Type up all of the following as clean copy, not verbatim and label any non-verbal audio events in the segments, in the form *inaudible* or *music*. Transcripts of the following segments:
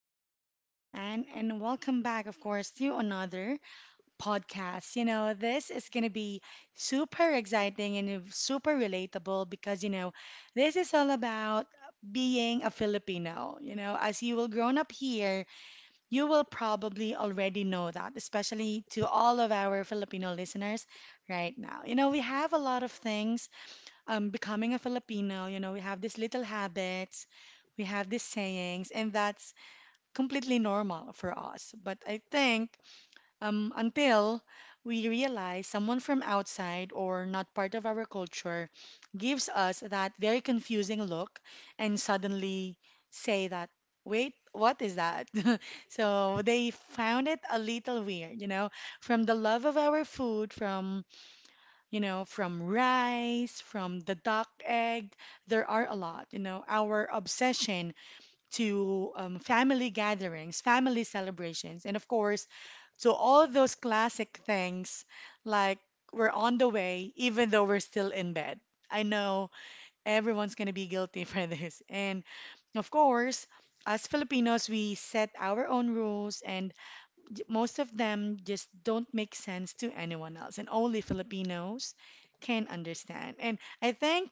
this is your host, Anne, and welcome back, of course, to another podcast. You know, this is going to be super exciting and super relatable because, you know, this is all about being a Filipino. You know, as you will grown up here, you will probably already know that, especially to all of our Filipino listeners right now. You know, we have a lot of things becoming a Filipino, you know, we have these little habits, we have these sayings, and that's completely normal for us. But I think until we realize someone from outside or not part of our culture gives us that very confusing look and suddenly say that, wait, what is that? *laughs* So they found it a little weird, you know, from the love of our food, from you know, from rice, from the duck egg. There are a lot, you know, our obsession to family gatherings, family celebrations, and of course, to all those classic things like we're on the way, even though we're still in bed. I know everyone's going to be guilty *laughs* for this. And of course, as Filipinos, we set our own rules and most of them just don't make sense to anyone else, and only Filipinos can understand. And I think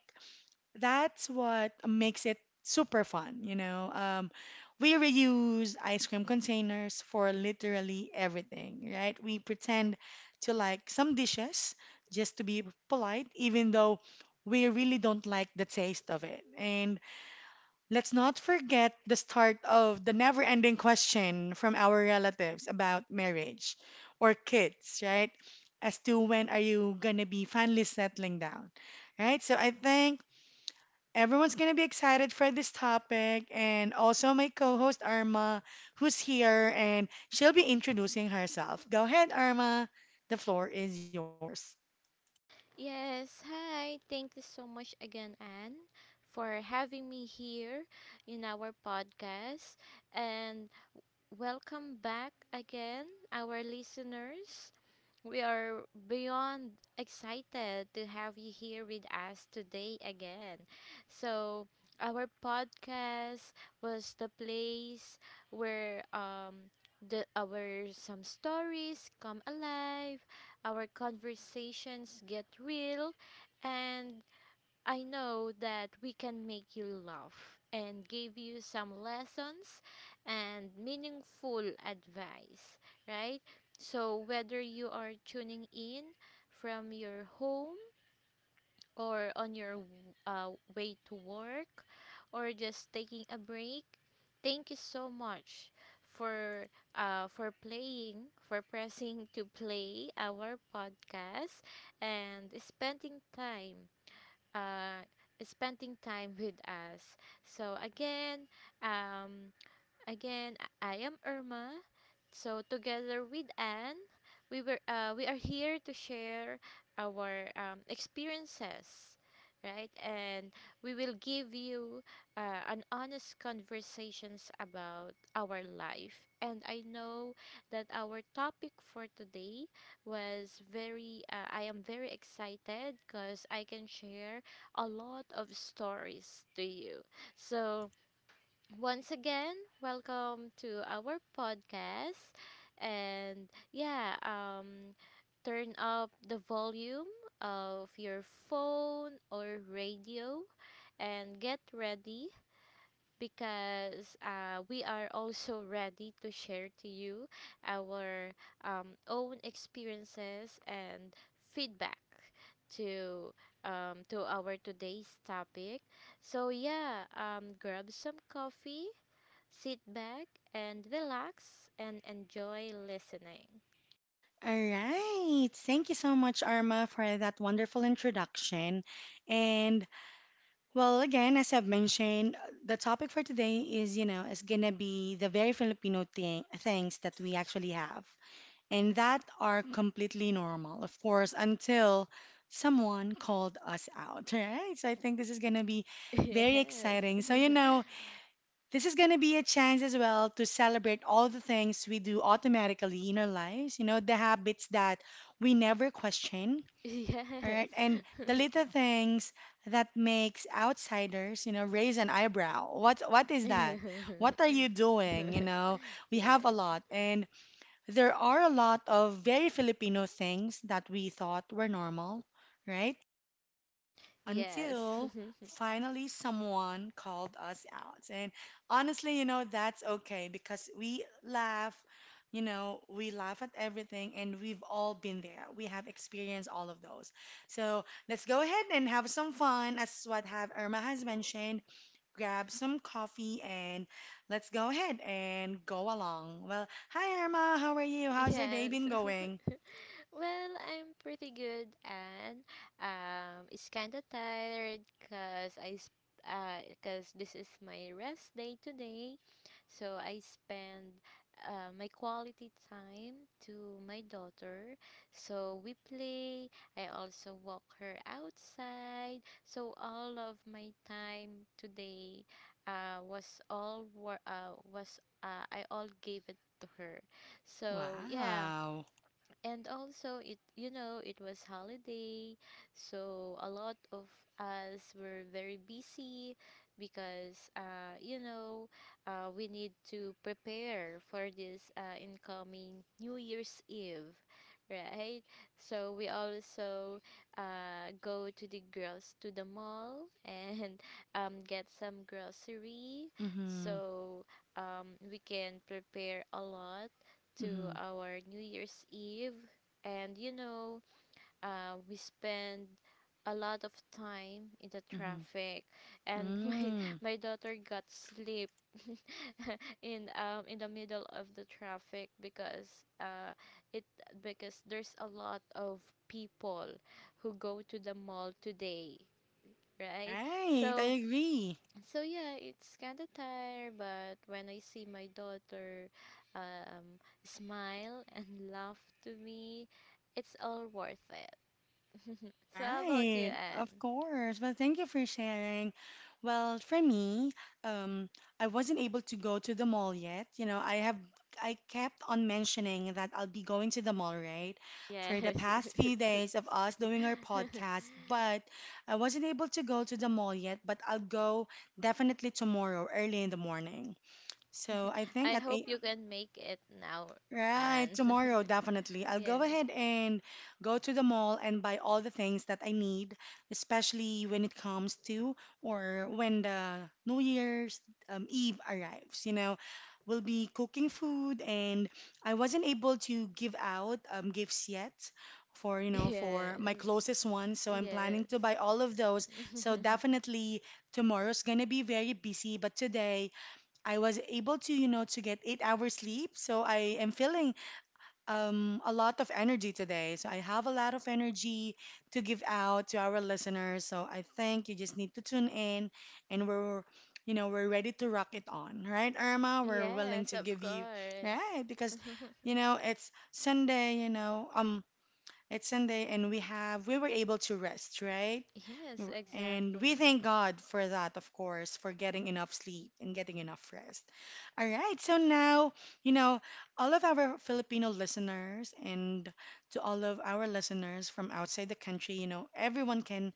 that's what makes it super fun, you know. We reuse ice cream containers for literally everything, right? We pretend to like some dishes just to be polite, even though we really don't like the taste of it. And let's not forget the start of the never ending question from our relatives about marriage or kids, right? As to when are you going to be finally settling down, right? So I think everyone's going to be excited for this topic. And also my co host, Arma, who's here and she'll be introducing herself. Go ahead, Arma. The floor is yours. Yes, hi. Thank you so much again, Anne, for having me here in our podcast. And welcome back again, our listeners. We are beyond excited to have you here with us today again. So, our podcast was the place where the our some stories come alive, our conversations get real, and I know that we can make you laugh and give you some lessons and meaningful advice, right? So, whether you are tuning in from your home or on your way to work or just taking a break, thank you so much for for pressing to play our podcast and uh, spending time with us. So again, um, Again, I am Irma. So together with Anne, we are here to share our experiences, right? And we will give you an honest conversations about our life. And I know that our topic for today was very. I am very excited because I can share a lot of stories to you. So once again, welcome to our podcast. And yeah, turn up the volume of your phone or radio and get ready because we are also ready to share to you our own experiences and feedback to to our today's topic. So yeah, grab some coffee, sit back and relax and enjoy listening. All right. Thank you so much, Arma, for that wonderful introduction. And well, again, as I've mentioned, the topic for today is, you know, is gonna be the very Filipino thing, things that we actually have and that are completely normal, of course, until someone called us out, *laughs* right? So I think this is gonna be very exciting. So, you know, *laughs* this is gonna be a chance as well to celebrate all the things we do automatically in our lives, you know, the habits that we never question, all Yes. right. *laughs* And the little things that makes outsiders, you know, raise an eyebrow. What is that? Yes. What are you *laughs* doing? You Yes. know, we have a lot and there are a lot of very Filipino things that we thought were normal, right? Yes. Until finally someone called us out. And honestly, you know, that's okay because we laugh, you know, we laugh at everything and we've all been there. We have experienced all of those. So let's go ahead and have some fun, as what have Irma has mentioned. Grab some coffee and let's go ahead and go along. Well, hi Irma, how are you? *laughs* How's your day Yes. been *laughs* going? Well, I'm pretty good and it's kind of tired cuz I s- cause this is my rest day today. So I spend my quality time to my daughter. So we play. I also walk her outside. So all of my time today was all wor- was I all gave it to her. So yeah, Wow. and also, it you know, it was holiday, so a lot of us were very busy because you know, we need to prepare for this incoming New Year's Eve, right? So we also go to the girls to the mall and *laughs* get some grocery, Mm-hmm. so we can prepare a lot to Mm-hmm. our New Year's Eve. And you know, we spend a lot of time in the Mm-hmm. traffic, and *laughs* my Mm. my daughter got sleep *laughs* in the middle of the traffic because it because there's a lot of people who go to the mall today, right? Right, I So agree. so yeah, it's kind of tired, but when I see my daughter smile *laughs* and laugh to me, it's all worth it. So how about you, Right, of Anne? course. Well, thank you for sharing. Well, for me, um, I wasn't able to go to the mall yet. You know, I kept on mentioning that I'll be going to the mall, right? For the Yes. past few days of us doing our podcast, but I wasn't able to go to the mall yet, but I'll go definitely tomorrow, early in the morning. So I *laughs* think I at hope eight. you can make it now, Right, Anne. *laughs* tomorrow, definitely. I'll go Yes. ahead and go to the mall and buy all the things that I need, especially when it comes to or when the New Year's Eve arrives. You know, we'll be cooking food, and I wasn't able to give out gifts yet for, you know, for my Yes. closest ones. So I'm planning Yes. to buy all of those. So *laughs* definitely tomorrow's gonna be very busy, but today I was able to, you know, to get 8 hours sleep. So I am feeling a lot of energy today. So I have a lot of energy to give out to our listeners. So I think you just need to tune in and we're, you know, we're ready to rock it on, right, Irma? We're willing Yes, to of give you, course. right? Because, *laughs* you know, it's Sunday, you know, it's Sunday, and we were able to rest, right? Yes, And we exactly. thank God for that, of course, for getting enough sleep and getting enough rest. All right, so now, you know, all of our Filipino listeners and to all of our listeners from outside the country, you know, everyone can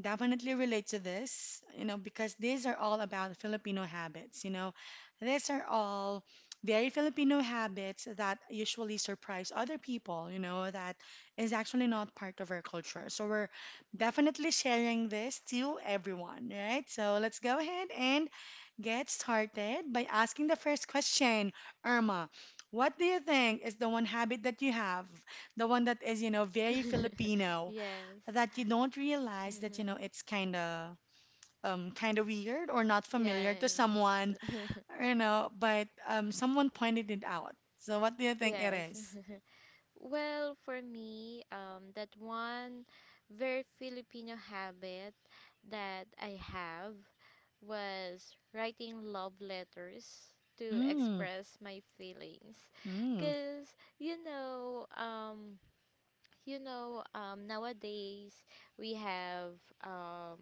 definitely relate to this, you know, because these are all about Filipino habits, you know. These are all very Filipino habits that usually surprise other people, you know, that is actually not part of our culture. So we're definitely sharing this to everyone, right? So let's go ahead and get started by asking the first question, Irma. What do you think is the one habit that you have, the one that is, you know, very *laughs* Filipino? Yes. That you don't realize that you know Mm-hmm. it's kind of weird or not familiar to Yes. someone, *laughs* you know, but someone pointed it out. So what do you think it Yes. is? Well, for me, that one very Filipino habit that I have was writing love letters to Mm, express my feelings. mm, Cause you know, um, nowadays we have um,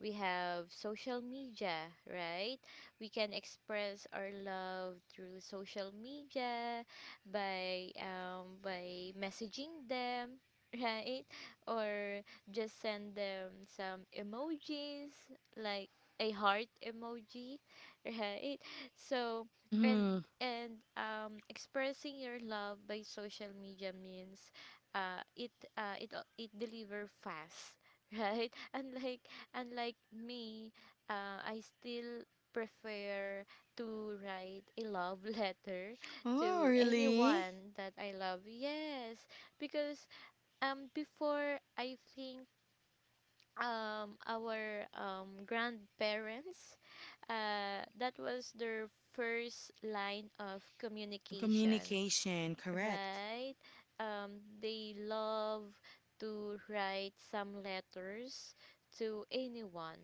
we have social media, right? We can express our love through social media by messaging them, *laughs* right? Or just send them some emojis like a heart emoji, *laughs* right? So and mm-hmm. and expressing your love by social media means uh, it it deliver fast, *laughs* right? Unlike me, I still prefer to write a love letter *laughs* Oh, to really? anyone that I love. Yes, because before, I think our grandparents, that was their first line of communication, Communication, correct. right? They love to write some letters to anyone,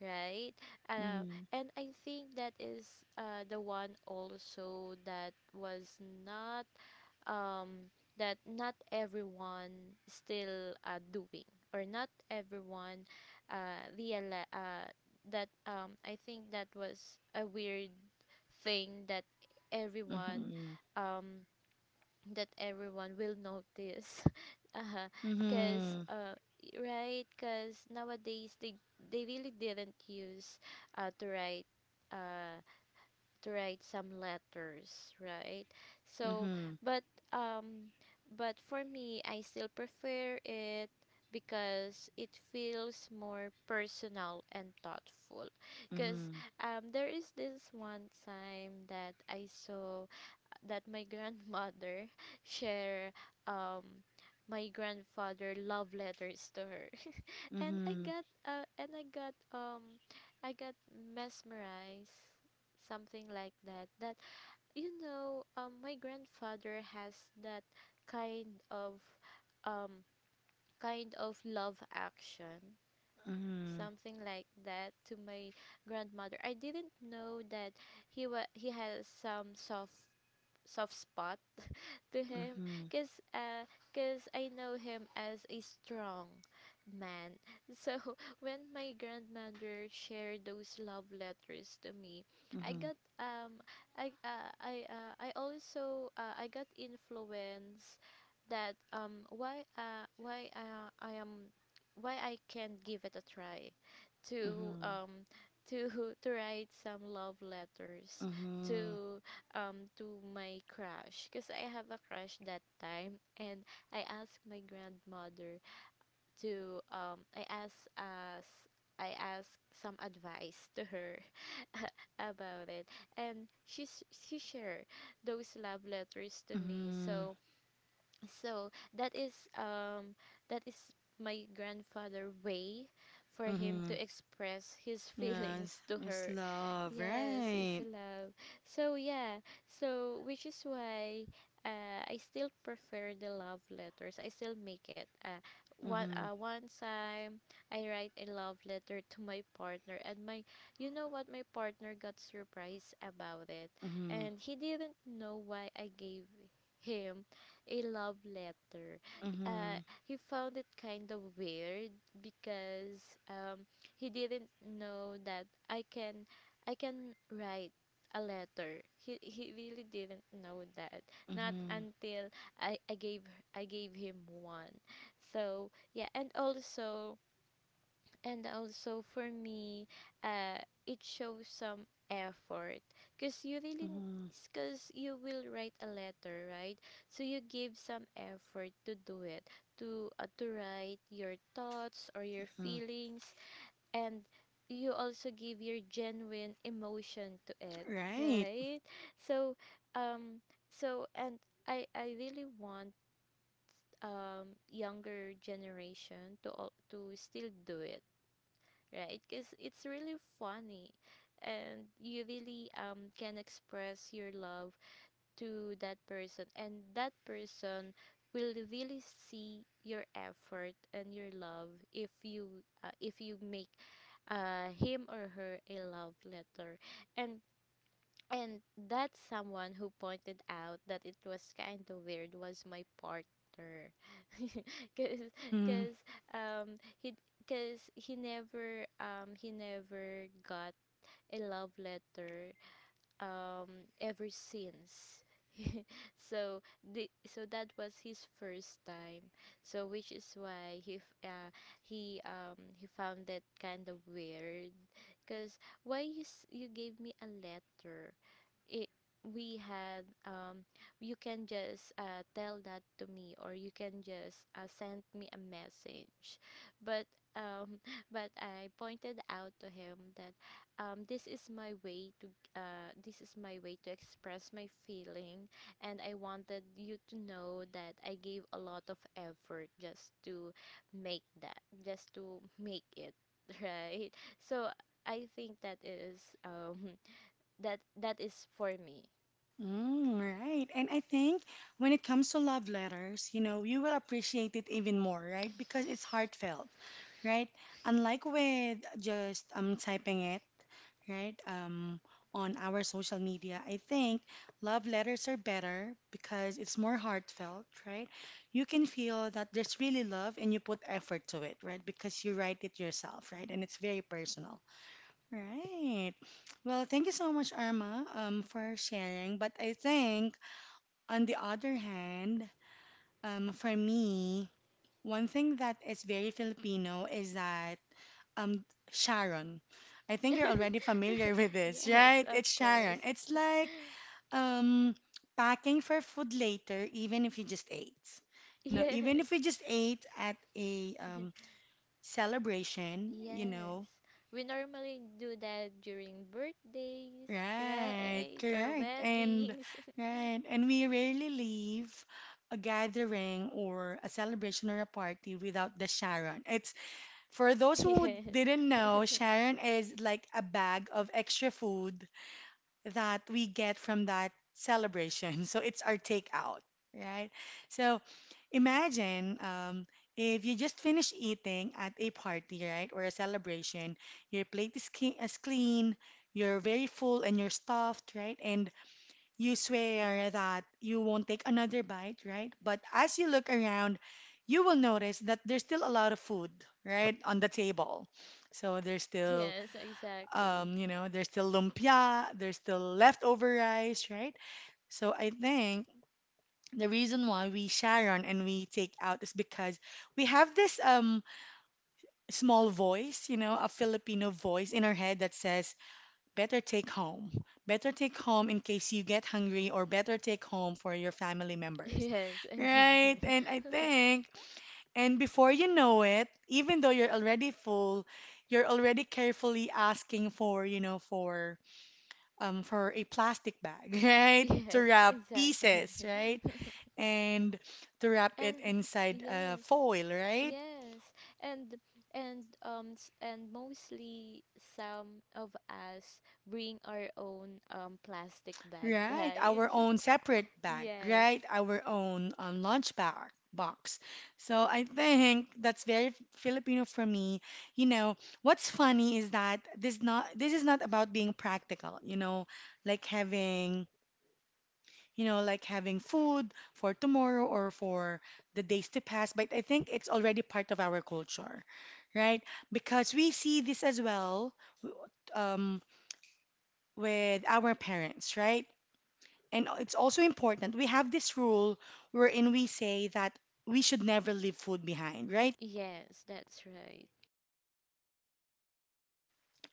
right? Uh, Mm-hmm. and I think that is the one also that was not um, that not everyone still doing, or not everyone reali- that I think that was a weird thing everyone Mm-hmm. um, that everyone will notice, *laughs* uh, cause Mm-hmm. Right, cause nowadays they really didn't use uh to write uh to write some letters, right? So Mm-hmm. but um but for me I still prefer it because it feels more personal and thoughtful, because Mm-hmm. There is this one time that I saw that my grandmother *laughs* share um my grandfather love letters to her. *laughs* And I Mm-hmm. got and I got mesmerized, something like that, that you know, my grandfather has that kind of um kind of love action, Mm-hmm. something like that, to my grandmother. I didn't know that he has some soft spot to him, Mm-hmm. because cause I know him as a strong man. So *laughs* when my grandmother shared those love letters to me, I Mm-hmm. got I also I got influence that why I can give it a try to Mm-hmm. um to *laughs* to write some love letters Mm-hmm. to to my crush, because I have a crush that time, and I asked my grandmother to I asked some advice to her *laughs* about it, and she shared those love letters to me. So that is um that is my grandfather way for him to Mm-hmm. express his *laughs* Yes, feelings to it's her. love, Yes, his right? love. So yeah, so which is why I still prefer the love letters. I still make it Mm-hmm, one time I write a love letter to my partner, and my, you know what, my partner got surprised about it, mm-hmm, and he didn't know why I gave him a love letter. Mm-hmm, He found it kind of weird because he didn't know that I can write a letter. He really didn't know that. Not mm-hmm, until I, I gave I gave him one. So yeah, and also, and also for me, uh it shows some effort because you really, mm-hmm, because you will write a letter, right? So you give some effort to do it, to write your thoughts or your mm-hmm, feelings, and you also give your genuine emotion to it, right. right? So um and I really want younger generation to to still do it, right? Because it's really funny and you really can express your love to that person, and that person will really see your effort and your love if you make him or her a love letter. And and that someone who pointed out that it was kind of weird was my partner. *laughs* Cause, Mm-hmm. cause, um, he, cause he never got a love letter, ever since. So the so that was his first time, so which is why he f- he found that kind of weird, because why you gave me a letter? It we had you can just tell that to me, or you can just send me a message. But um *laughs* but I pointed out to him that this is my way to this is my way to express my feeling, and I wanted you to know that I gave a lot of effort just to make that, just to make it, *laughs* right? So I think that is that is for me. Mm, right. And I think when it comes to love letters, you know, you will appreciate it even more, right? Because it's heartfelt, right? Unlike with just typing it, right? On our social media, I think love letters are better because it's more heartfelt, right? You can feel that there's really love and you put effort to it, right? Because you write it yourself, right? And it's very personal. Right. Well, thank you so much, Arma, for sharing. But I think, on the other hand, for me, one thing that is very Filipino is that um, Sharon. I think you're already familiar *laughs* with *laughs* this, Yes, right? of It's Sharon. course. *laughs* It's like um, packing for food later, even if you just ate. You know, even Yes. if we just ate at a celebration, you Yes. know, We normally do that during birthdays, *laughs* right, right? Or correct. And weddings. *laughs* right, and we rarely leave a gathering or a celebration or a party without the Sharon. It's for those who Yes. didn't know, *laughs* Sharon is like a bag of extra food that we get from that celebration. *laughs* So it's our takeout, right? So imagine if you just finish eating at a party, right, or a celebration, your plate is, clean, you're very full and you're stuffed, right? And you swear that you won't take another bite, right? But as you look around, you will notice that there's still a lot of food, right, on the table. So there's still Yes, exactly. You know, there's still lumpia, there's still leftover rice, right? So I think the reason why we share on and we take out is because we have this small voice, you know, a Filipino voice in our head that says, better take home. Better take home in case you get hungry, or better take home for your family members. Yes, Right? exactly. And I *laughs* think, and before you know it, even though you're already full, you're already carefully asking for, you know, for a plastic bag, *laughs* right? To Yes, *laughs* wrap exactly. pieces, right? *laughs* And to wrap and it inside a yes, foil, right? yes, and and mostly some of us bring our own plastic bag, Right, right? our own separate *laughs* bag, Yes, right? Our own lunch bag box. So I think that's very Filipino for me. You know, what's funny is that this is not about being practical, you know, like having you know, like having food for tomorrow or for the days to pass. But I think it's already part of our culture, right? Because we see this as well w- um, with our parents, right? And it's also important. We have this rule wherein we say that we should never leave food behind, right? yes, that's right. *laughs*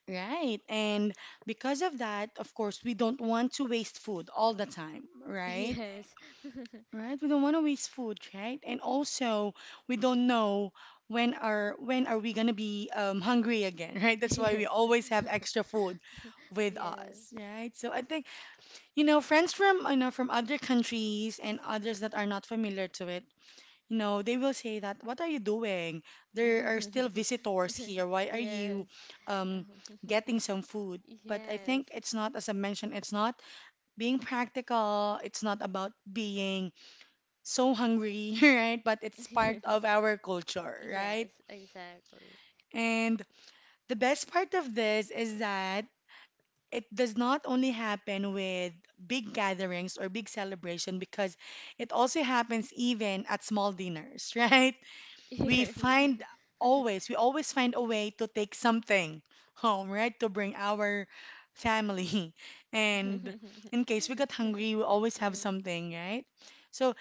Right. And because of that, of course, we don't want to waste food all the time, right? Yes, *laughs* Right? We don't want to waste food, right? And also, we don't know when are we gonna be hungry again, *laughs* right? That's why we always have extra food with us, yes, right? So I think you know friends from you know from other countries and others that are not familiar to it, you know, they will say that, "What are you doing? There are still *laughs* yes, visitors here. *laughs* Why are you yes, um, um, getting some food?" But I *laughs* think it's not, as I mentioned, it's not being practical. It's not about being so hungry, *laughs* right? But it's part yes. of *laughs* our culture, right? Yes, exactly. *laughs* And the best part of this is that it does not only happen with big gatherings or big celebration, because it also happens even at small dinners, *laughs* right? We Yes. find *laughs* we always find a way to take something home, right? To bring our family. *laughs* And in case we got hungry, we always Yes. have Yes. *laughs* something, right? So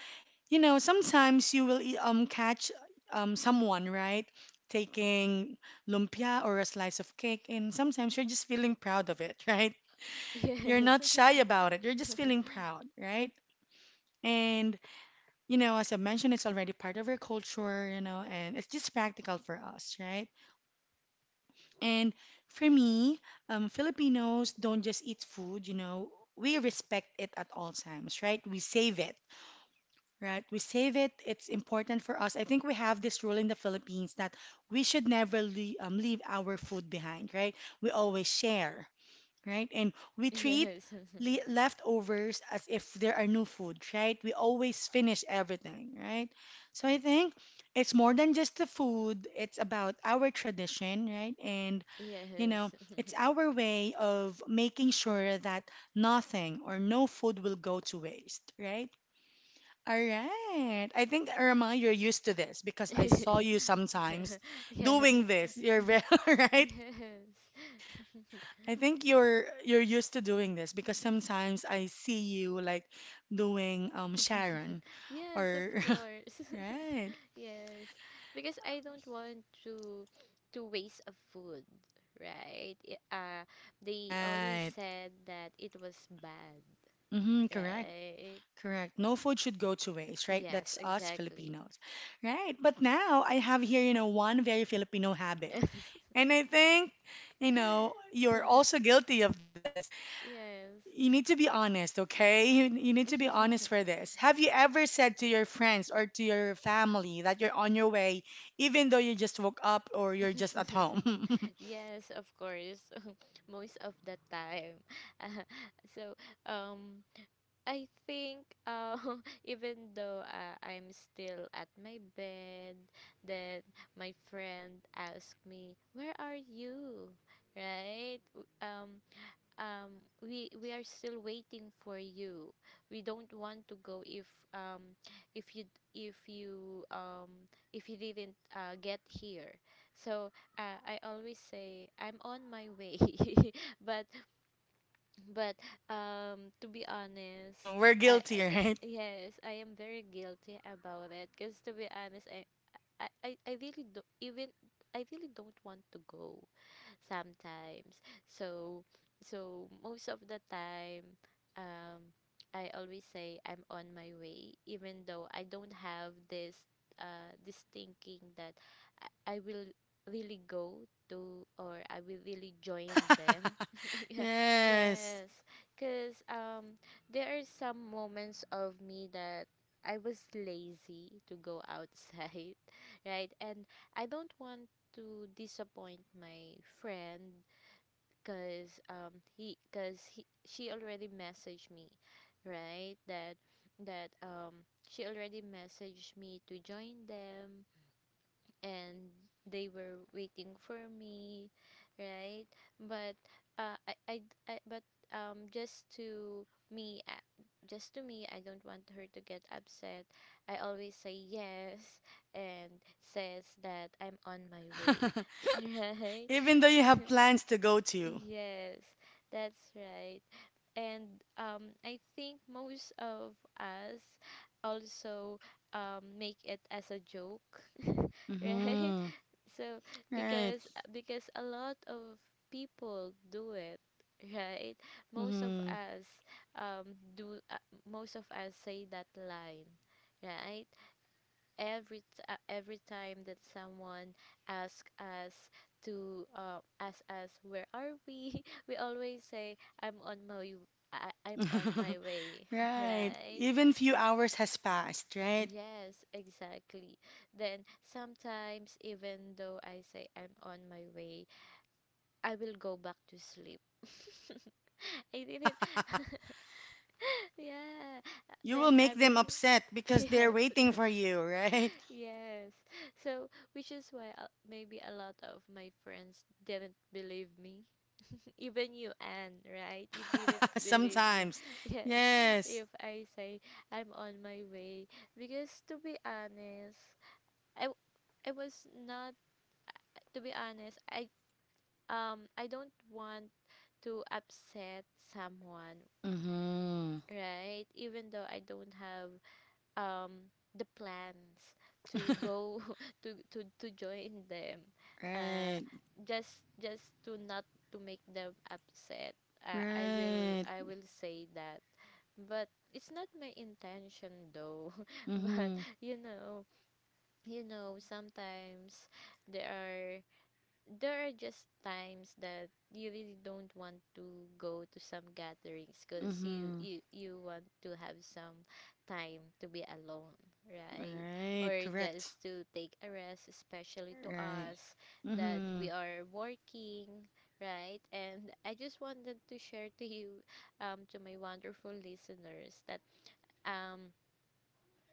you know, sometimes you will catch someone, right, taking lumpia or a slice of cake, and sometimes you're just feeling proud of it, *laughs* right? You're Yes. not *laughs* shy about it. You're just feeling proud, right? And you know, as I mentioned, it's already part of our culture, you know, and it's just practical for us, right? And for me, Filipinos don't just eat food, you know, we respect it at all times, right? We save it. Right, we save it. It's important for us. I think we have this rule in the Philippines that we should never leave our food behind, right? We always share, right? And we treat le leftovers as if there are new food, right? We always finish everything, right? So I think it's more than just the food, it's about our tradition, right? And, you know, Yes. it's *laughs* our way of making sure that nothing or no food will go to waste, right? All right. I think, Irma, you're used to this because I saw you sometimes Yes. doing this. You're very, *laughs* right. Yes. I think you're used to doing this because sometimes I see you like doing Sharon *laughs* Yes, of or course. *laughs* right. *laughs* Yes. Because I don't want to waste a food, right? They always Right. said that it was bad, Mm-hmm, correct. right? Correct. No food should go to waste, right? Yes, That's us exactly. Filipinos. Right. But now I have here, you know, one very Filipino habit. *laughs* And I think, you know, you're also guilty of this. Yes. You need to be honest, okay? You need to be honest for this. Have you ever said to your friends or to your family that you're on your way, even though you just woke up or you're just at *laughs* home? Yes, of course. *laughs* Most of the time. *laughs* Uh, so, um, I think *laughs* even though I'm still at my bed, then my friend asked me, "Where are you? Right? Um we are still waiting for you, we don't want to go if um if you if you if you didn't get here." So I always say I'm on my way, *laughs* but but to be *laughs* honest, We're I guilty, right? *laughs* yes, I am very guilty about it, because to be honest, I really do. Even I really don't want to go sometimes. So so most of the time um I always say I'm on my way even though I don't have this this thinking that I will really go to, or I will really join them. *laughs* *laughs* Yeah. Yes. Yes. Cuz there are some moments of me that I was lazy to go outside, *laughs* right? And I don't want to disappoint my friend because he because he she already messaged me, right? that that She already messaged me to join them, and they were waiting for me, right? But uh, I, I I but just to me, just to me, I don't want her to get upset. I always say yes and says that I'm on my way. *laughs* *laughs* Right. Even though you have *laughs* plans to go to. Yes, that's right. And I think most of us also make it as a joke, *laughs* right? Hmm. So Right. because a lot of people do it, right? Most of Hmm. us do most of us say that line, right? Every time that someone asks us to ask us where are we, *laughs* we always say I, I'm on my *laughs* way, *laughs* Right. right? Even few So, hours has passed, right? yes, exactly. Then sometimes, even though I say I'm on my way, I will go back to sleep. *laughs* I didn't. *laughs* Yeah. You will Then make I them will. *laughs* upset because they're Yes. waiting *laughs* for you, *laughs* right? Yes. So, which is why maybe a lot of my friends didn't believe me. *laughs* Even you, Anne, right? You didn't *laughs* believe me. Sometimes. *laughs* Yes. Yes. If I say I'm on my way. Because to be honest, I w- I was not to be honest, I I don't want to upset someone, Mm-hmm. right? Even though I don't have the plans to go *laughs* to join them. Uh Right. just to not to make them upset. I will Right. Say that. But it's not my intention though. *laughs* But Mm-hmm. you know, you know, sometimes there are just times that you really don't want to go to some gatherings because Mm-hmm. You want to have some time to be alone, right? Right. Or Correct. just to take a rest, especially to Right. us that Mm-hmm. we are working, right? And I just wanted to share to you, to my wonderful listeners, that um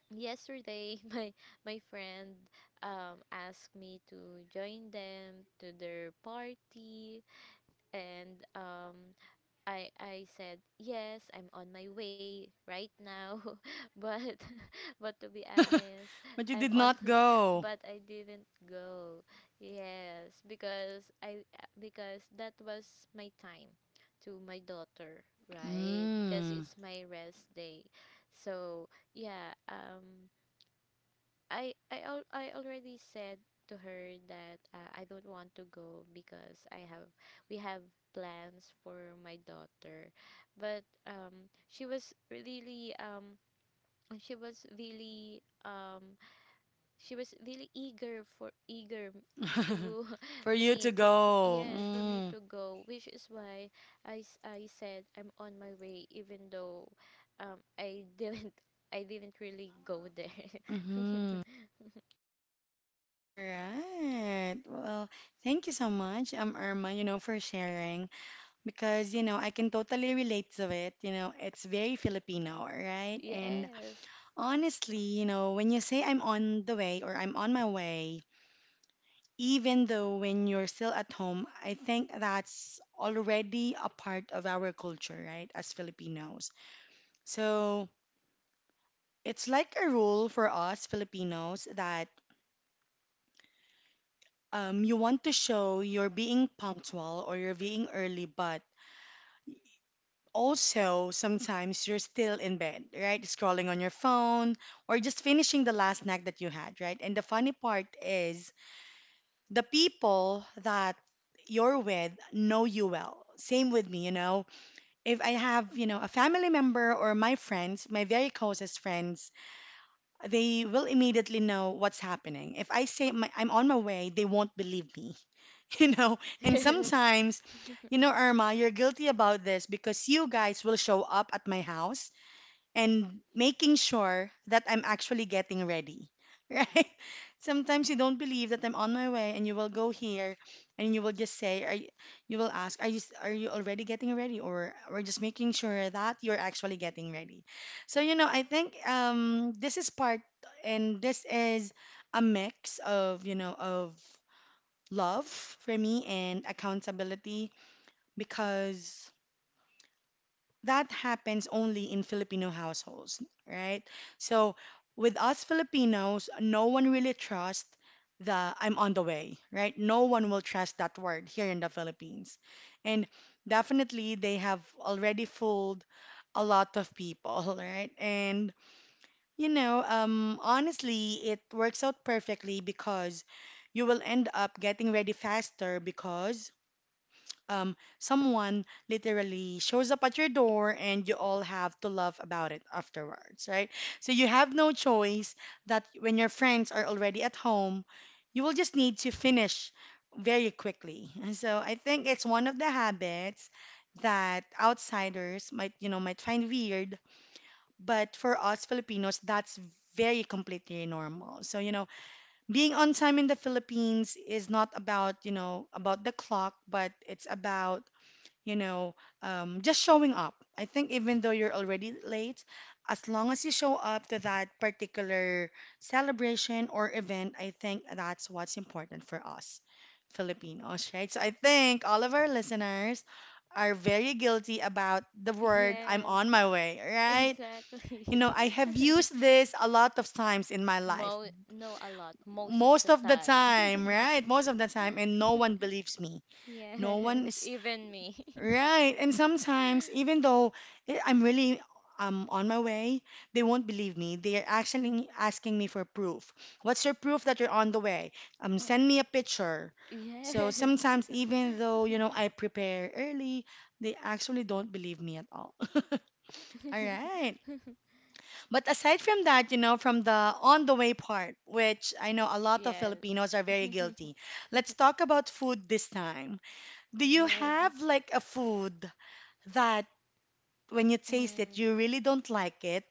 yesterday *laughs* my friend asked me to join them to their party, and I said yes, I'm on my way right now. *laughs* But *laughs* but to be honest, *laughs* But you I'm did on not *laughs* go. but I didn't go. Yes, because I, because that was my time to my daughter, right? Because Mm. it's my rest day. So yeah, I already said to her that I don't want to go because I have, we have plans for my daughter, but she was really um she was really eager for eager to *laughs* For *laughs* you to me to for, go. yes, for me Mm. to go, which is why I said I'm on my way, even though I didn't, *laughs* I didn't really go there. Mm-hmm. *laughs* All right. Well, thank you so much, Irma, you know, for sharing because, you know, I can totally relate to it. You know, it's very Filipino, right? And Yes. *laughs* honestly, you know, when you say I'm on the way or I'm on my way, even though when you're still at home, I think that's already a part of our culture, right, as Filipinos. So it's like a rule for us Filipinos that you want to show you're being punctual or you're being early, but also sometimes you're still in bed, right, scrolling on your phone or just finishing the last snack that you had, right? And the funny part is, the people that you're with know you well. Same with me, you know. If I have, you know, a family member or my friends, my very closest friends, they will immediately know what's happening. If I say my, I'm on my way, they won't believe me, *laughs* you know. And Yes. sometimes, you know, Irma, you're guilty about this because you guys will show up at my house and making sure that I'm actually getting ready, *laughs* right? Sometimes you don't believe that I'm on my way, and you will go here, and you will just say, are you, you will ask, are you are you already getting ready, or we're just making sure that you're actually getting ready. So you know, I think this is part, and this is a mix of, you know, of love for me and accountability because that happens only in Filipino households, right? So with us Filipinos, no one really trusts the I'm on the way, right? No one will trust that word here in the Philippines. And definitely they have already fooled a lot of people, *laughs* right? And you know, honestly, it works out perfectly because you will end up getting ready faster because someone literally shows up at your door and you all have to laugh about it afterwards, right? So you have no choice that when your friends are already at home, you will just need to finish very quickly. *laughs* And so I think it's one of the habits that outsiders might, you know, might find weird, but for us Filipinos, that's very completely normal. So, you know, being on time in the Philippines is not about, you know, about the clock, but it's about, you know, just showing up. I think even though you're already late, as long as you show up to that particular celebration or event, I think that's what's important for us Filipinos, right? So I think all of our listeners are very guilty about the *laughs* word I'm Yes. on my way, *laughs* right? Exactly. You know, I have used this a lot of times in my *laughs* life. Mo no a lot most of Most the of the time. time, right? Most of the time and no one believes me. *laughs* Yes, No one is. even me. Right. And sometimes, even though I'm really on my way, they won't believe me. They are actually asking me for proof. What's your proof that you're on the way? Send me a picture. *laughs* So Yes. sometimes, even though, you know, I prepare early, they actually don't believe me at all. *laughs* All right. *laughs* But aside from that, you know, from the on the way part, which I know a lot of Yes. Filipinos are very guilty, let's talk about food this time. Do you Yes. have like a food that when you taste it, Mm. you really don't like it,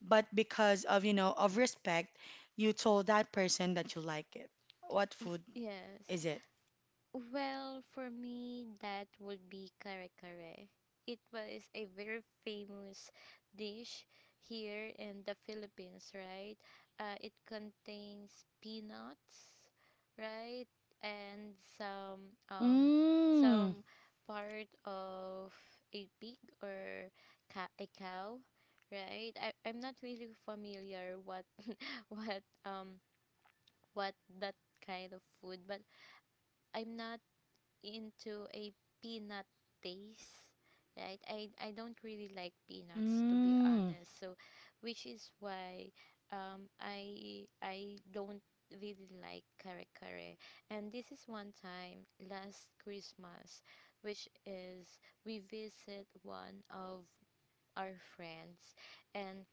but because of, you know, of respect, you told that person that you like it. What food Yes. is it? Well, for me, that would be kare kare. It was a very famous dish here in the Philippines, right? It contains peanuts, right, and some Mm. some part of a pig or a cow, right? I I'm not really familiar what *laughs* what um what that kind of food, but I'm not into a peanut taste, right? I don't really like peanuts, to be Mm. honest, so which is why I don't really like kare kare. And this is one time last Christmas, which is we visit one of our friends, and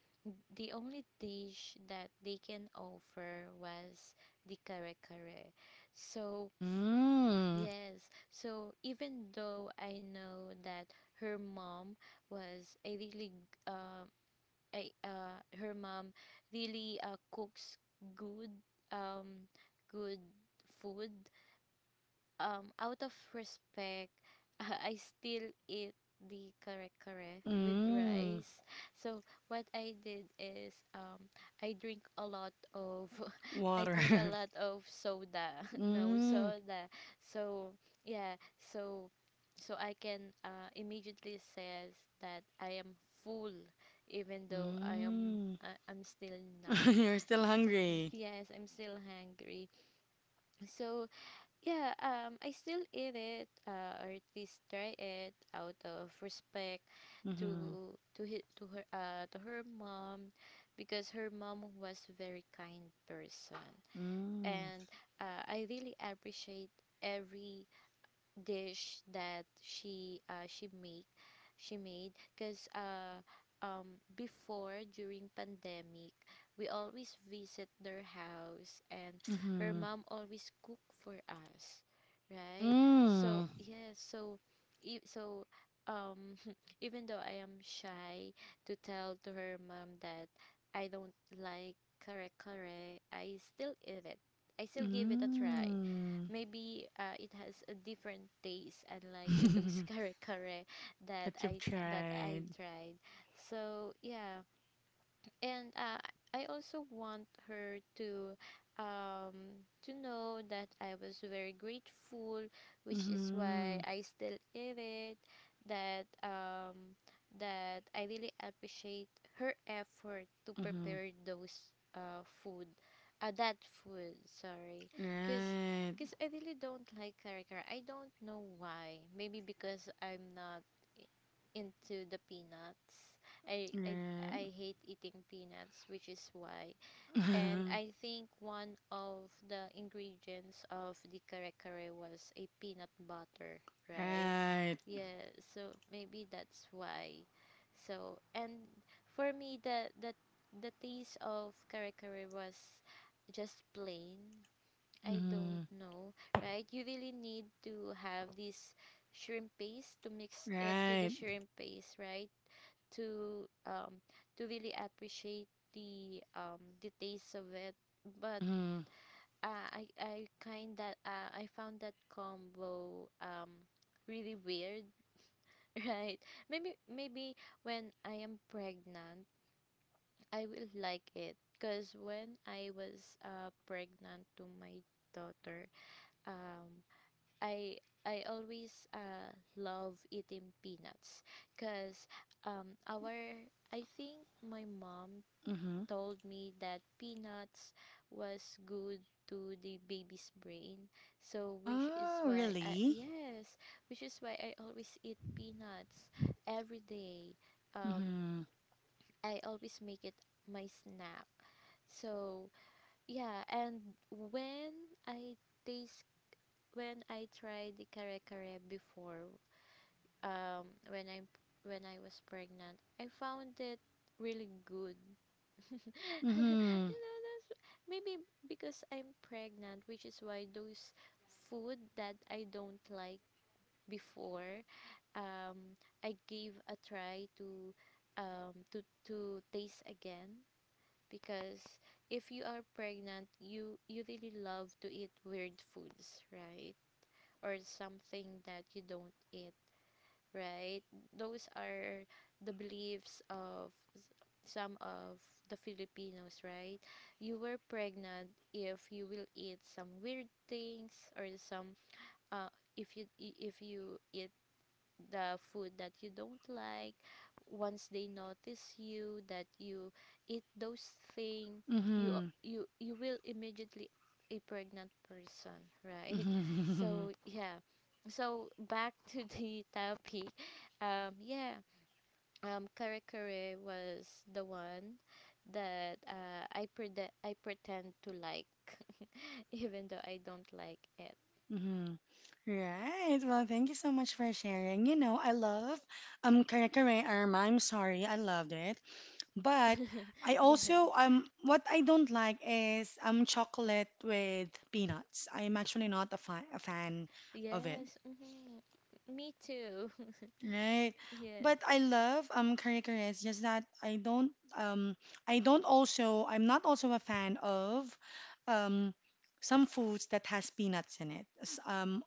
the only dish that they can offer was the kare kare. So Mm. yes. So even though I know that her mom was a really um a her mom really cooks good um good food, out of respect, *laughs* I still eat the kare kare with Mm. rice. So what I did is I drink a lot of, *laughs* I Water. drink a *laughs* lot of soda. *laughs* No Mm. soda. So yeah, so so I can immediately says that I am full, even though I am, Mm. I'm still *laughs* not. You're still *laughs* hungry. Yes, I'm still hungry. So yeah, I still eat it, or at least try it, out of respect Mhm. To her, to her mom, because her mom was very kind person, Mm. and I really appreciate every dish that she made, because before, during pandemic, we always visit their house, and her Mhm. mom always cook for us, right? So Mm. yeah, so so um *laughs* even though I am shy to tell to her mom that I don't like kare kare, I still eat it, I still give it a try. Maybe it has a different taste unlike to those *laughs* Mm. *laughs* kare kare that That you've I that I've tried. tried. So yeah, and I also want her to know that I was very grateful, which is why Mhm. I still eat it. That um that I really appreciate her effort to Mhm. prepare those food, that food. Sorry, cause Right, cause I really don't like karikar. I don't know why. Maybe because I'm not into the peanuts. I right, I hate eating peanuts, which is why. And *laughs* I think one of the ingredients of the kare kare was a peanut butter, right? right, Yeah, so maybe that's why. So and for me, the the taste of kare kare was just plain, I don't mhm, know, right? You really need to have this shrimp paste to mix it to the right, shrimp paste, right? To um to really appreciate the taste of it. But mhm, I found that combo really weird, *laughs* right? Maybe when I am pregnant, I will like it. Cause when I was pregnant to my daughter, um I I always love eating peanuts because our I think my mom mhm. told me that peanuts was good to the baby's brain, so which is Oh, why I, really? yes, which is why I always eat peanuts every day. um Mhm, I always make it my snack. So yeah, and when I taste when I tried the kare kare before, um when I when I was pregnant, I found it really good. *laughs* mhm, You know, that's maybe because I'm pregnant, which is why those food that I don't like before, um, I gave a try to to taste again, because if you are pregnant, you really love to eat weird foods, right? Or something that you don't eat, right? Those are the beliefs of some of the Filipinos, right? You were pregnant if you will eat some weird things, or some uh if if you eat the food that you don't like, once they notice you that you eat those thing, mhm, you you will immediately a pregnant person, right? *laughs* mhm, So yeah, so back to the *laughs* topic. Yeah, kare kare was the one that I pretend to like, *laughs* even though I don't like it. mhm. *laughs* Right. Well, thank you so much for sharing. You know, I love kare kare, Arma. I'm sorry, I loved it, but I *laughs* Yeah. also what I don't like is chocolate with peanuts. I'm actually not a, fi a fan of it. Yes. Hmm. Me too. Right. *laughs* Yes. But I love curry curry. It's just that I don't also I'm not also a fan of um some foods that has peanuts in it.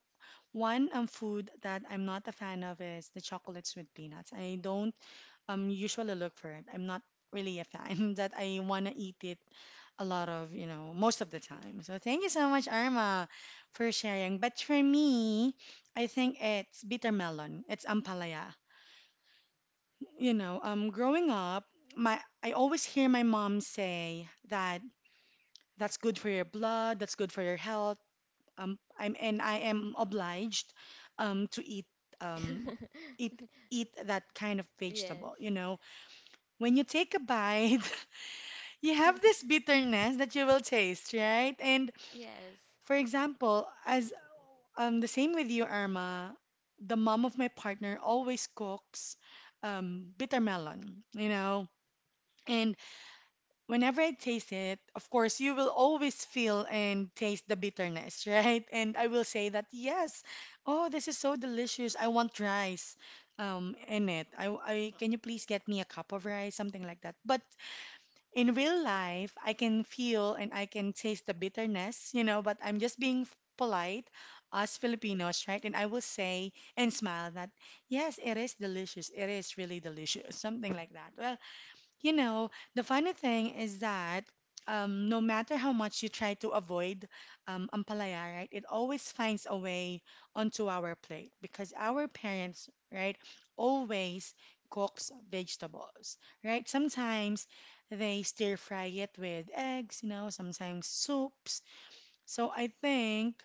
One food that I'm not a fan of is the chocolates with peanuts. I don't usually look for it. I'm not really a fan *laughs* that I wanna eat it a lot of, you know, most of the time. So thank you so much, Arma, for sharing. But for me, I think it's bitter melon. It's ampalaya. You know, growing up, my I always hear my mom say that that's good for your blood, that's good for your health. I'm and I am obliged, to eat um *laughs* eat eat that kind of Yes. vegetable. You know, when you take a bite, *laughs* you have this *laughs* bitterness that you will taste, right? And Yes. for example, as the same with you, Irma, the mom of my partner always cooks bitter melon. You know. And whenever I taste it, of course, you will always feel and taste the bitterness, *laughs* right? And I will say that, yes, oh, this is so delicious. I want rice in it. Can you please get me a cup of rice? Something like that. But in real life, I can feel and I can taste the bitterness, you know, but I'm just being polite, us Filipinos, right? And I will say and smile that, yes, it is delicious. It is really delicious. Something like that. Well, you know, the funny thing is that no matter how much you try to avoid ampalaya, right, it always finds a way onto our plate because our parents, right, always cooks vegetables, right? Sometimes they stir fry it with eggs, you know, sometimes soups. So I think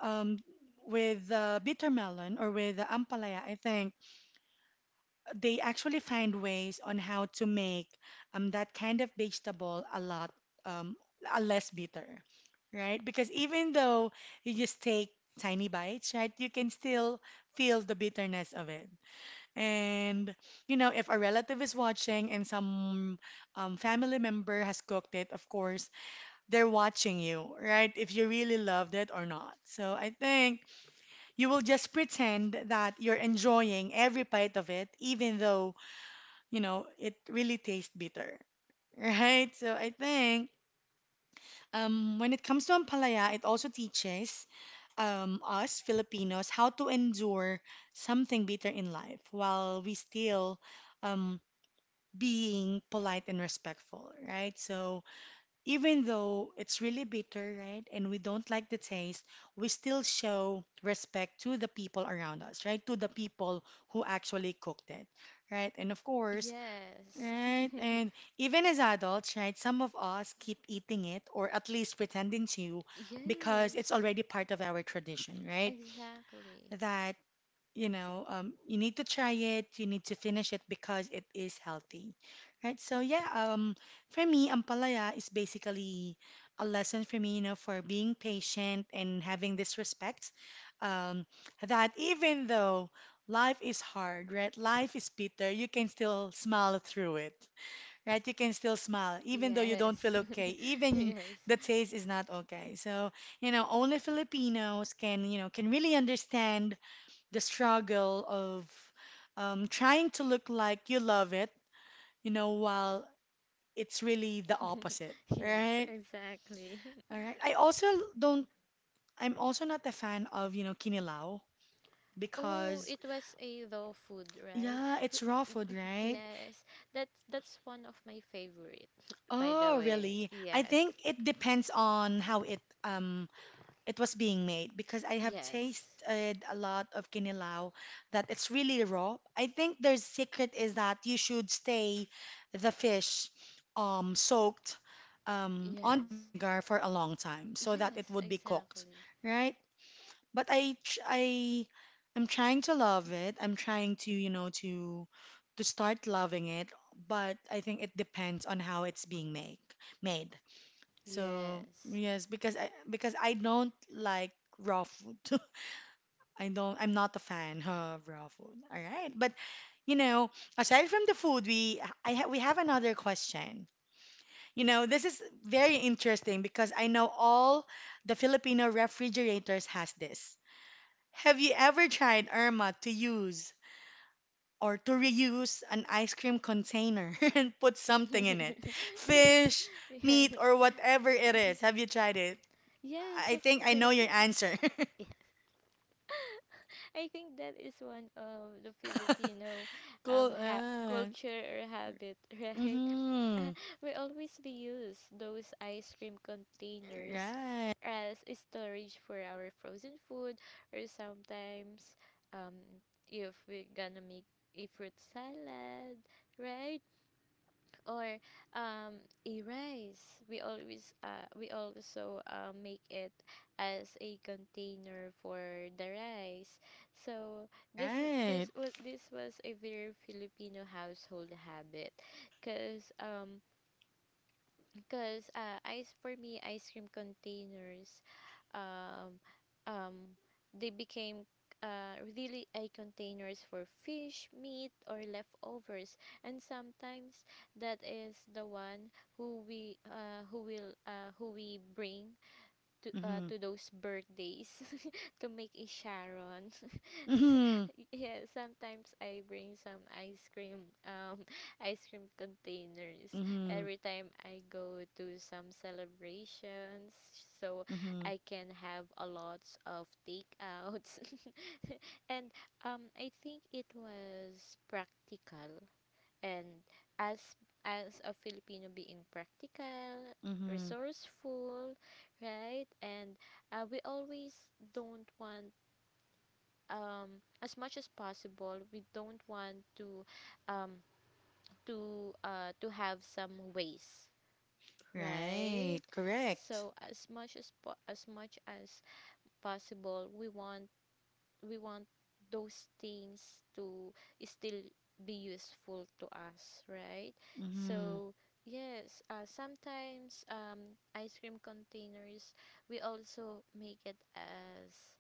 um, with the bitter melon or with the ampalaya, I think they actually find ways on how to make that kind of vegetable a lot um, a less bitter, right? Because even though you just take tiny bites, right, you can still feel the bitterness of it. And you know, if a relative is watching and some family member has cooked it, of course, they're watching you, right? If you really loved it or not. So I think you will just pretend that you're enjoying every bite of it, even though you know, it really tastes bitter, *laughs* right? So I think when it comes to ampalaya, it also teaches us Filipinos how to endure something bitter in life while we still um, being polite and respectful, right? So even though it's really bitter, right, and we don't like the taste, we still show respect to the people around us, right? To the people who actually cooked it, right? And of course, Yes. right, and even as adults, right, some of us keep eating it or at least pretending to *laughs* because it's Yes. already part of our tradition, right? Exactly. That, you need to try it, you need to finish it because it is healthy, right? So, yeah, for me, ampalaya is basically a lesson for me, you know, for being patient and having this respect um, that even though life is hard, right, life is bitter, you can still smile through it, right? You can still smile, even though you don't Yes. feel okay, *laughs* even Yes. the taste is not okay. So, you know, only Filipinos can, you know, can really understand the struggle of trying to look like you love it, while it's really the opposite, *laughs* Yes, right? exactly. *laughs* All right. I also don't, I'm also not a fan of, you know, kinilaw Oh, because, it was a raw food, right? yeah, W, it's raw food, right? yes. That's one of my favorite, *laughs* by the Oh, way. really? I Yes. think it depends on how it was being made because I have Yes. tasted a lot of kinilaw that it's really raw. I think their secret is that you should stay the fish soaked on the Yes. vinegar for a long time so that it Yes, would be cooked, exactly. right? But I tr- I I'm trying to love it. I'm trying to, to start loving it, but I think it depends on how it's being make made. So Yes. yes, because I don't like raw food. *laughs* I don't. I'm not a fan of raw food. All right, but you know, aside from the food, we I ha we have another question. You know, this is very interesting because I know all the Filipino refrigerators has this. Have you ever tried, Irma, to use or to reuse an ice cream container *laughs* and put something in it? Fish, *laughs* meat, Yes. or whatever it is. Have you tried it? Yes, I of think I know course. your answer. *laughs* Yes. I think that is one of the *laughs* Filipino Cool Earth. culture or habit, *laughs* right? Mm-hmm. Uh, we use those ice cream containers Right. as a storage for our frozen food, or sometimes um if we're gonna make a fruit salad, right? Or a rice. We always we also make it as a container for the rice. So this Right. this was a very Filipino household habit, cause Cause ice for me, ice cream containers, um, um, they became really a containers for fish, meat, or leftovers, and sometimes that is the one who we who will who we bring Mm-hmm. to those birthdays *laughs* to make a Sharon. Mm-hmm. *laughs* Yeah, sometimes I bring some ice cream, *laughs* ice cream containers Mm-hmm. every time I go to some celebrations, so Mm-hmm. I can have a lot of takeouts. *laughs* And I think it was practical. And as as a Filipino being practical, Mm-hmm. resourceful, right? And we always don't want as much as possible, we don't want to um, to have some waste, right? Right. Correct. So as much as possible, we want we want those things to still be useful to us, right? Mm-hmm. So yes, sometimes ice cream containers, we also make it as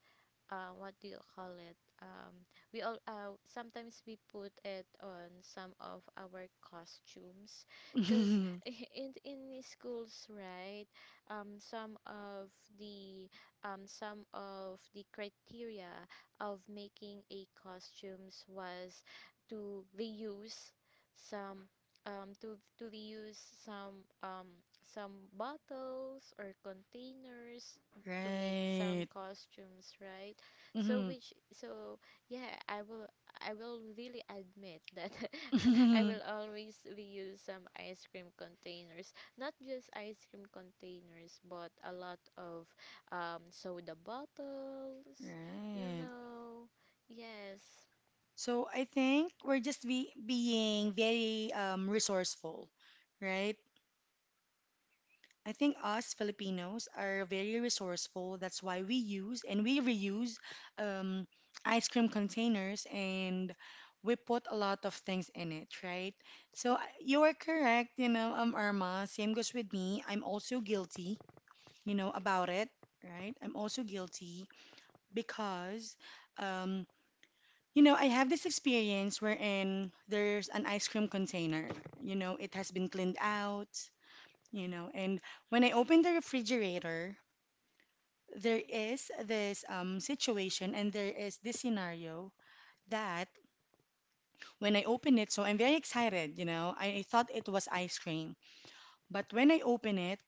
what do you call it? We all sometimes we put it on some of our costumes, cause *laughs* Mm-hmm. *laughs* in the schools, right? Um, some of the some of the criteria of making a costumes was to reuse some to reuse some bottles or containers to make some Right. costumes, right? So Mm-hmm. which so yeah, I will really admit that *laughs* I Mm-hmm. will *laughs* always reuse some ice cream containers. Not just ice cream containers, but a lot of soda bottles, you Right. know. Yes. So I think we're just be being very resourceful, right? I think us Filipinos are very resourceful. That's why we use and we reuse um, ice cream containers and we put a lot of things in it, right? So I- you are correct, you know, Irma. Same goes with me. I'm also guilty, you know, about it, right? I'm also guilty because, um, you know, I have this experience wherein there's an ice cream container. You know, it has been cleaned out, you know. And when I open the refrigerator, there is this situation and there is this scenario that when I open it, so I'm very excited, you know. I thought it was ice cream, but when I open it,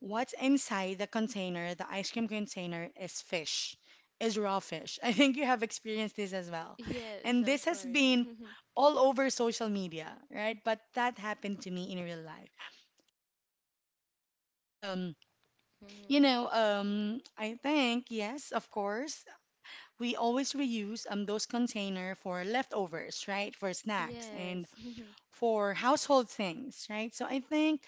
what's inside the container, the ice cream container, is fish, is raw fish. *laughs* I think you have experienced this as well. Yes, And this of has course. been *laughs* all over social media, right? But that happened to me in real life. Um, You Mhm. know, I think yes, of course. We always reuse those container for leftovers, right? For snacks and Yes. for household things, right? So I think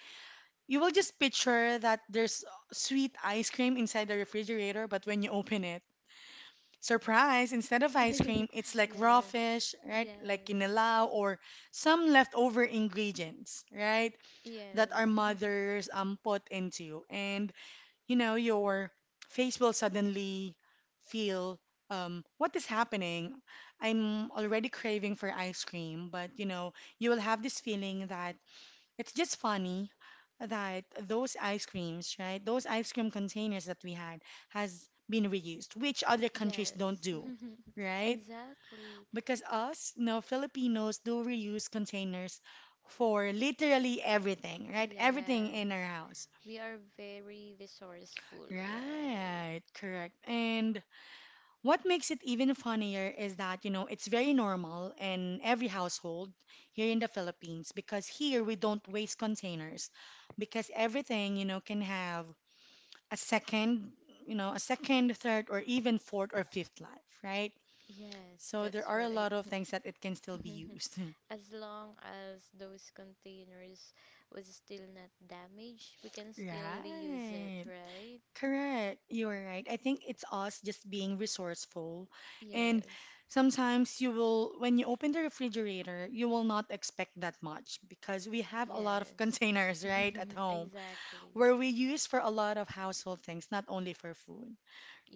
you will just picture that there's sweet ice cream inside the refrigerator, but when you open it, surprise, instead of ice cream, it's *laughs* like raw Yes. fish, right? Like Yes. kinilaw or some leftover ingredients, right? That Yes. our *laughs* mothers put into. And you know, your face will suddenly feel what is happening? I'm already craving for ice cream, but you know, you will have this feeling that it's just funny that those ice creams, right? Those ice cream containers that we had has been reused, which other countries don't Yes. do, *laughs* right? Exactly. Because us, no, Filipinos do reuse containers for literally everything, right? Everything in our Yes. house. We are very resourceful, right? Right, correct. And what makes it even funnier is that, you know, it's very normal in every household here in the Philippines because here we don't waste containers because everything, you know, can have a second, you know, a second, third, or even fourth or fifth life, right? Yes, So there that's are a right. lot of things that it can still be used. *laughs* *laughs* As long as those containers was still not damaged, we can still reuse it, Right. right? Correct. You're right. I think it's us just being resourceful. And Yes. sometimes you will, when you open the refrigerator, you will not expect that much because we have a lot of *laughs* Yes. containers, right, at *laughs* home Exactly. where we use for a lot of household things, not only for food,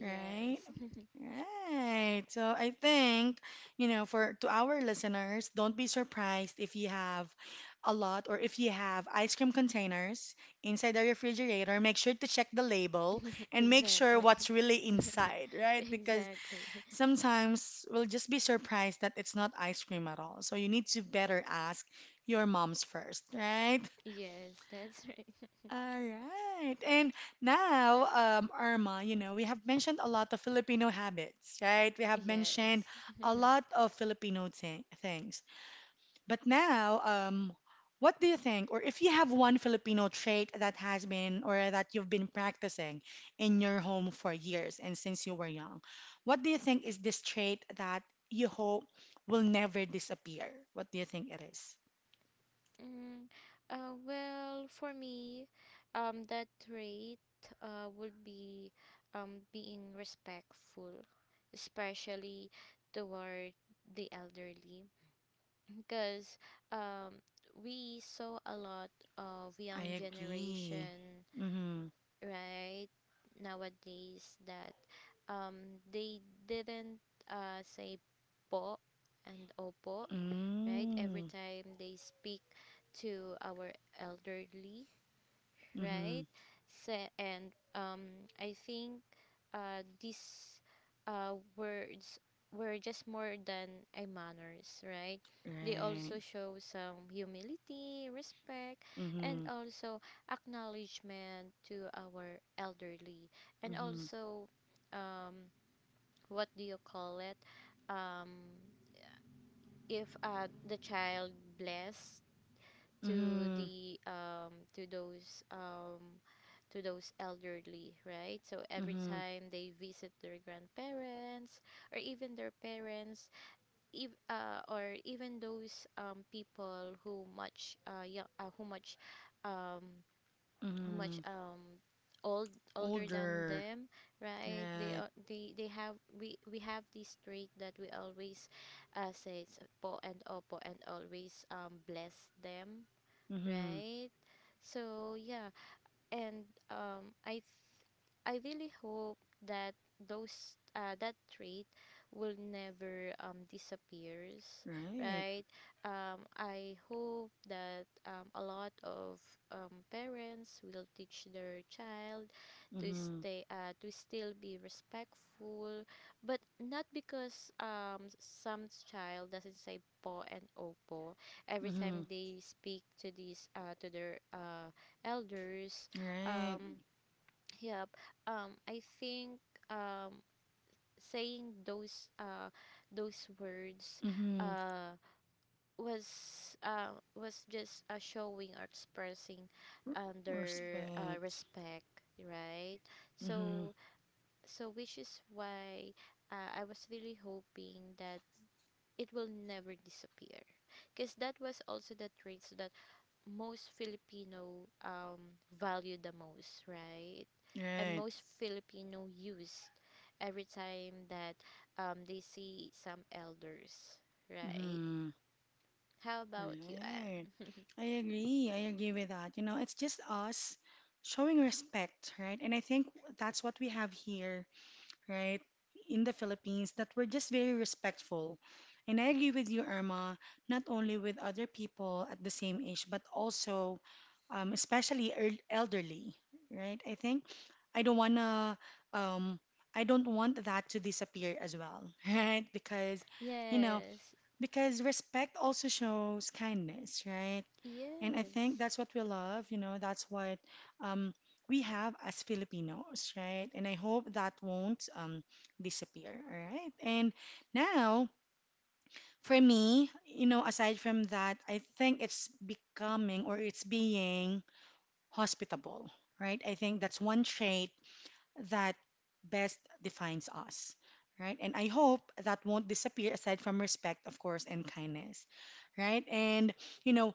right? Right. So I think, you know, for to our listeners, don't be surprised if you have a lot or if you have ice cream containers inside the refrigerator, make sure to check the label *laughs* and make sure Exactly. what's really inside, *laughs* right? Because Exactly. sometimes we'll just be surprised that it's not ice cream at all. So you need to better ask your moms first, right? Yes, that's right. *laughs* All right. And now, Irma, you know, we have mentioned a lot of Filipino habits, right? We have mentioned Yes. a *laughs* lot of Filipino thing things. But now, what do you think, or if you have one Filipino trait that has been or that you've been practicing in your home for years and since you were young, what do you think is this trait that you hope will never disappear? What do you think it is? Mm, well, for me, that trait would be being respectful, especially toward the elderly, because um, we saw a lot of I young agree. generation Mm-hmm. right nowadays that they didn't say po and opo right every Mm. time they speak to our elderly, Mhm. right? So, and I think these words were just more than a manners, right? They Right. also show some humility, respect, and Mhm. also acknowledgement to our elderly, and Mhm. also um, what do you call it? Um, if the child bless to Mhm. the to those elderly, right? So every Mhm. time they visit their grandparents or even their parents, if, or even those people who um, Mhm. much old older than Older. them, right? They Right. are they have we have this trait that we always say po and opo and always bless them, Mhm. right? So yeah, and um, I, th- I really hope that those that trait will never disappears, Right. right? I hope that a lot of parents will teach their child to Mhm. stay to still be respectful, but not because some child doesn't say po and opo every time Mhm. they speak to these to their elders, Right. um, yeah. I think um saying those words Mhm. uh was just showing or expressing R- under respect. respect, right? Mhm. So so which is why I was really hoping that it will never disappear because that was also the traits that most Filipino value the most, right? And Right. most Filipino use every time that they see some elders, right? Mhm. How about you, Right. Anne? I agree. I agree with that. You know, it's just us showing respect, right? And I think that's what we have here, right, in the Philippines, that we're just very respectful. And I agree with you, Irma, not only with other people at the same age, but also, especially el- elderly, right? I think I don't wanna, um, I don't want that to disappear as well, *laughs* right? Because, *laughs* you know, Yes, because respect also shows kindness, right? And I think yes, that's what we love, you know, that's what um, we have as Filipinos, right? And I hope that won't disappear, all right? And now, for me, you know, aside from that, I think it's becoming or it's being hospitable, right? I think that's one trait that best defines us, right? And I hope that won't disappear aside from respect, of course, and kindness, right? And, you know,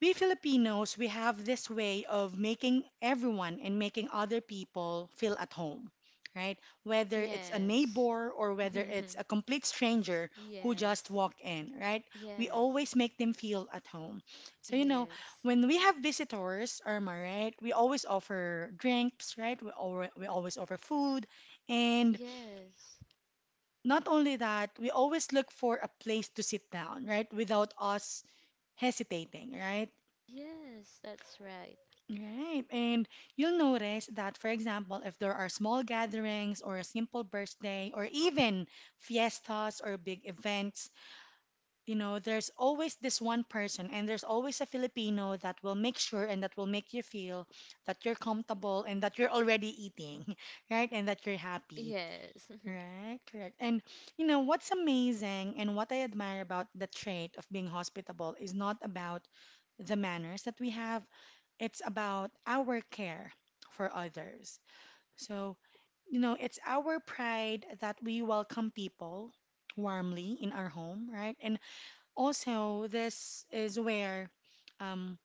we Filipinos, we have this way of making everyone and making other people feel at home, right? Whether it's a yes, neighbor or whether it's a *laughs* complete stranger who just yes, walked in, right? We yes, always make them feel at home. So, you know, yes, when we have visitors, Irma, right? We always offer drinks, right? We always offer food. And yes, not only that, we always look for a place to sit down, right? Without us hesitating, right? yes, that's right. Right. And you'll notice that, for example, if there are small gatherings or a simple birthday or even fiestas or big events, you know, there's always this one person and there's always a Filipino that will make sure and that will make you feel that you're comfortable and that you're already eating, *laughs* right? And that you're happy. Yes, Right, correct. And you know what's amazing and what I admire about the trait of being hospitable is not about the manners that we have, it's about our care for others. So, you know, it's our pride that we welcome people warmly in our home, right? And also, this is where um,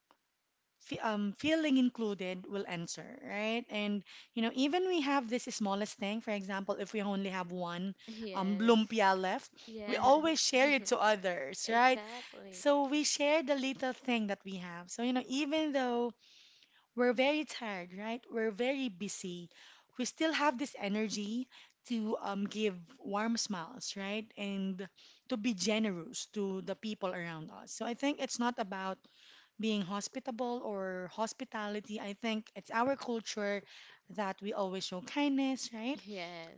feeling included will answer, right? And you know, even we have this smallest thing. For example, if we only have one *laughs* yes, lumpia left, we yes. always share *laughs* it to others, right? Exactly. So we share the little thing that we have. So you know, even though we're very tired, right? We're very busy, we still have this energy to give warm smiles, right? And to be generous to the people around us. So I think it's not about being hospitable or hospitality. I think it's our culture that we always show kindness, right?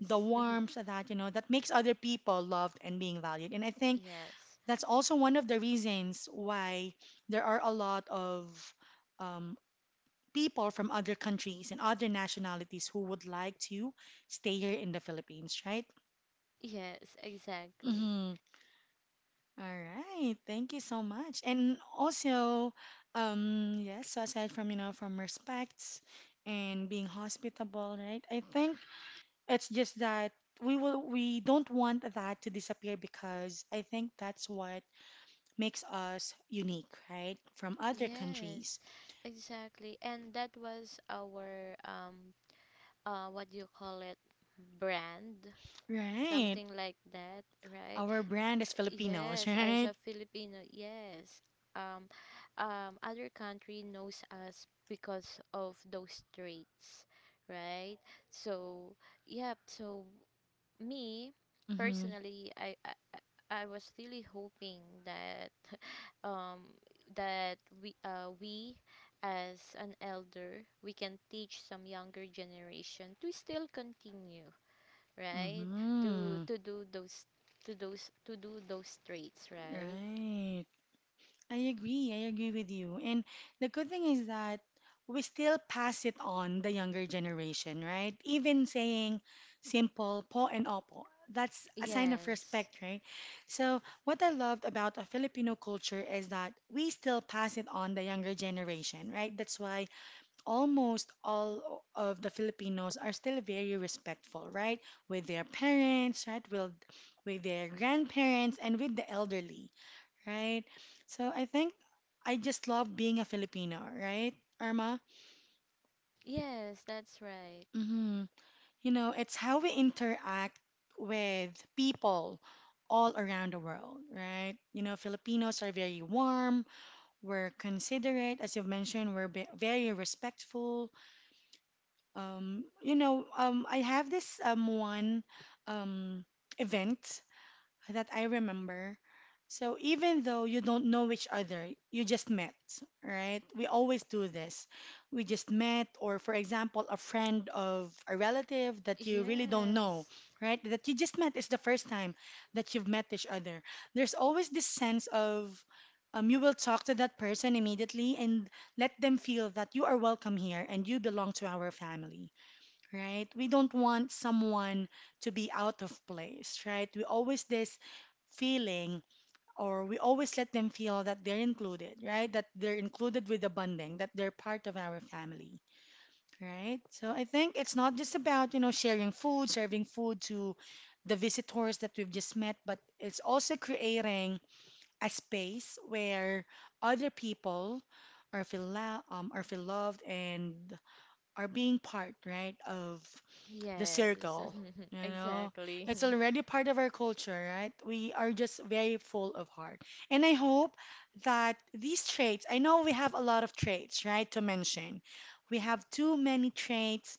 The *laughs* warmth that, you know, that makes other people loved and being valued. And I think Yes. that's also one of the reasons why there are a lot of um, people from other countries and other nationalities who would like to stay here in the Philippines, right? Yes, exactly. Mhm. All right, thank you so much. And also, yes, so aside from, you know, from respects and being hospitable, right? I think it's just that we don't want that to disappear because I think that's what makes us unique, right? From other Yes. countries. Exactly. And that was our what do you call it? Brand, Right. something like that, right? Our brand is Filipinos, *laughs* Yes, as right? a Filipino, yes. Um Other country knows us because of those traits, right? So, yep, so me Mm-hmm. personally, I was really hoping that *laughs* um that we as an elder we can teach some younger generation to still continue, right? to Mm-hmm. to do those to those to do those traits, right? Right. I agree. I agree with you. And the good thing is that we still pass it on the younger generation, right? Even saying simple po and opo. That's a sign of Yes. respect, right? So, what I loved about a Filipino culture is that we still pass it on the younger generation, right? That's why almost all of the Filipinos are still very respectful, right? With their parents, right? With their grandparents and with the elderly, right? So I think I just love being a Filipino, right, Irma? Yes, that's right. Mm hmm. You know, it's how we interact with people all around the world, right? You know, Filipinos are very warm, we're considerate, as you've mentioned, we're very respectful. I have this one um, event that I remember. So even though you don't know each other, you just met, right? We always do this. We just met, or for example, a friend of a relative that you really don't know, Yes. right? That you just met. It's the first time that you've met each other. There's always this sense of you will talk to that person immediately and let them feel that you are welcome here and you belong to our family, right? We don't want someone to be out of place, right? We always this feeling, or we always let them feel that they're included, right? That they're included with the bonding, that they're part of our family, right? So I think it's not just about, you know, sharing food, serving food to the visitors that we've just met, but it's also creating a space where other people are feel, are feel loved and are being part, right, of the Yes. circle. You *laughs* know, Exactly. it's already part of our culture, right? We are just very full of heart, and I hope that these traits, I know we have a lot of traits, right, to mention, we have too many traits,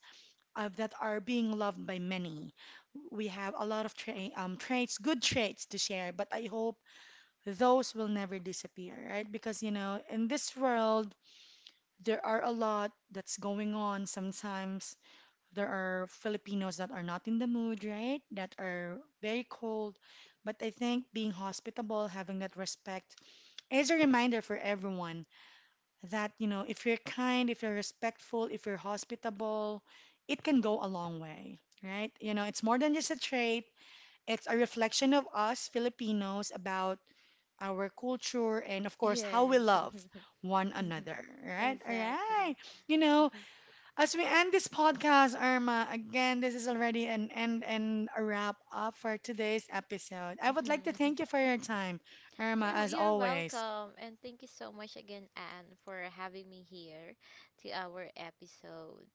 that are being loved by many. We have a lot of traits, good traits to share, but I hope those will never disappear, right? Because you know, in this world there are a lot that's going on sometimes. There are Filipinos that are not in the mood, right? That are very cold. But I think being hospitable, having that respect, is a reminder for everyone that, you know, if you're kind, if you're respectful, if you're hospitable, it can go a long way, right? You know, it's more than just a trait, it's a reflection of us Filipinos about our culture and, of *laughs* course, how we Yes. love one another, *laughs* right? All right. Exactly. You know, as we end this podcast, Irma, again, this is already an end and a wrap up for today's episode. I would like to Mhm. thank you for your time, Irma, Then *laughs* as you're always. welcome, and thank you so much again, Anne, for having me here to our episode.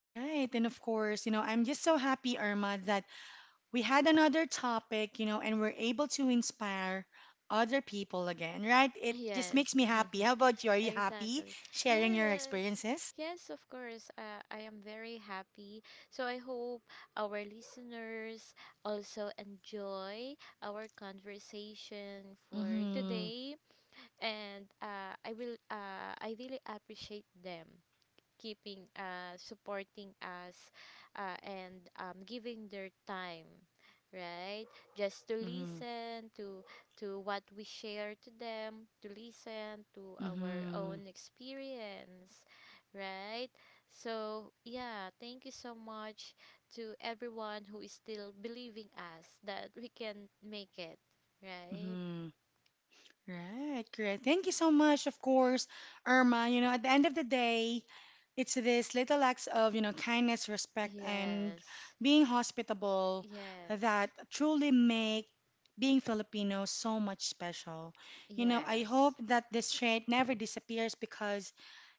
Right. And of course, you know, I'm just so happy, Irma, that we had another topic, you know, and we're able to inspire other people again, right? It just Yes, makes me happy. *laughs* How about you? Are you happy exactly. sharing your Yes, experiences? yes, of course. I am very happy. So I hope our listeners also enjoy our conversation for Mm-hmm. today, and I will. I really appreciate them keeping us, supporting us, and giving their time, right? Just to Mm-hmm. listen to what we share to them, to listen to our Mm-hmm. own experience, right? So yeah, thank you so much to everyone who is still believing us that we can make it, right? Mm-hmm. Right, correct. Thank you so much, of course, Irma. You know, at the end of the day, it's these little acts of, you know, kindness, respect, and Yes. being hospitable Yes. that truly make being Filipino so much special. You know, I hope Yes. that this trait never disappears because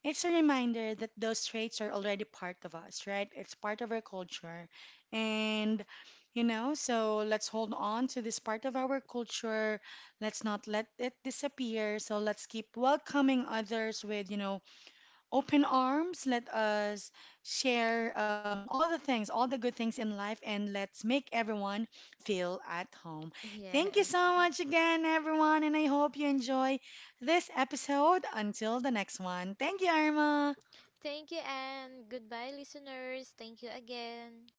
it's a reminder that those traits are already part of us, right? It's part of our culture. And, you know, so let's hold on to this part of our culture. Let's not let it disappear. So let's keep welcoming others with, you know, open arms. Let us share all the things, all the good things in life, and let's make everyone feel at home. *laughs* Thank you Yes. so much again, everyone, and I hope you enjoy this episode. Until the next one. Thank you, Irma. Thank you and goodbye, listeners. Thank you again.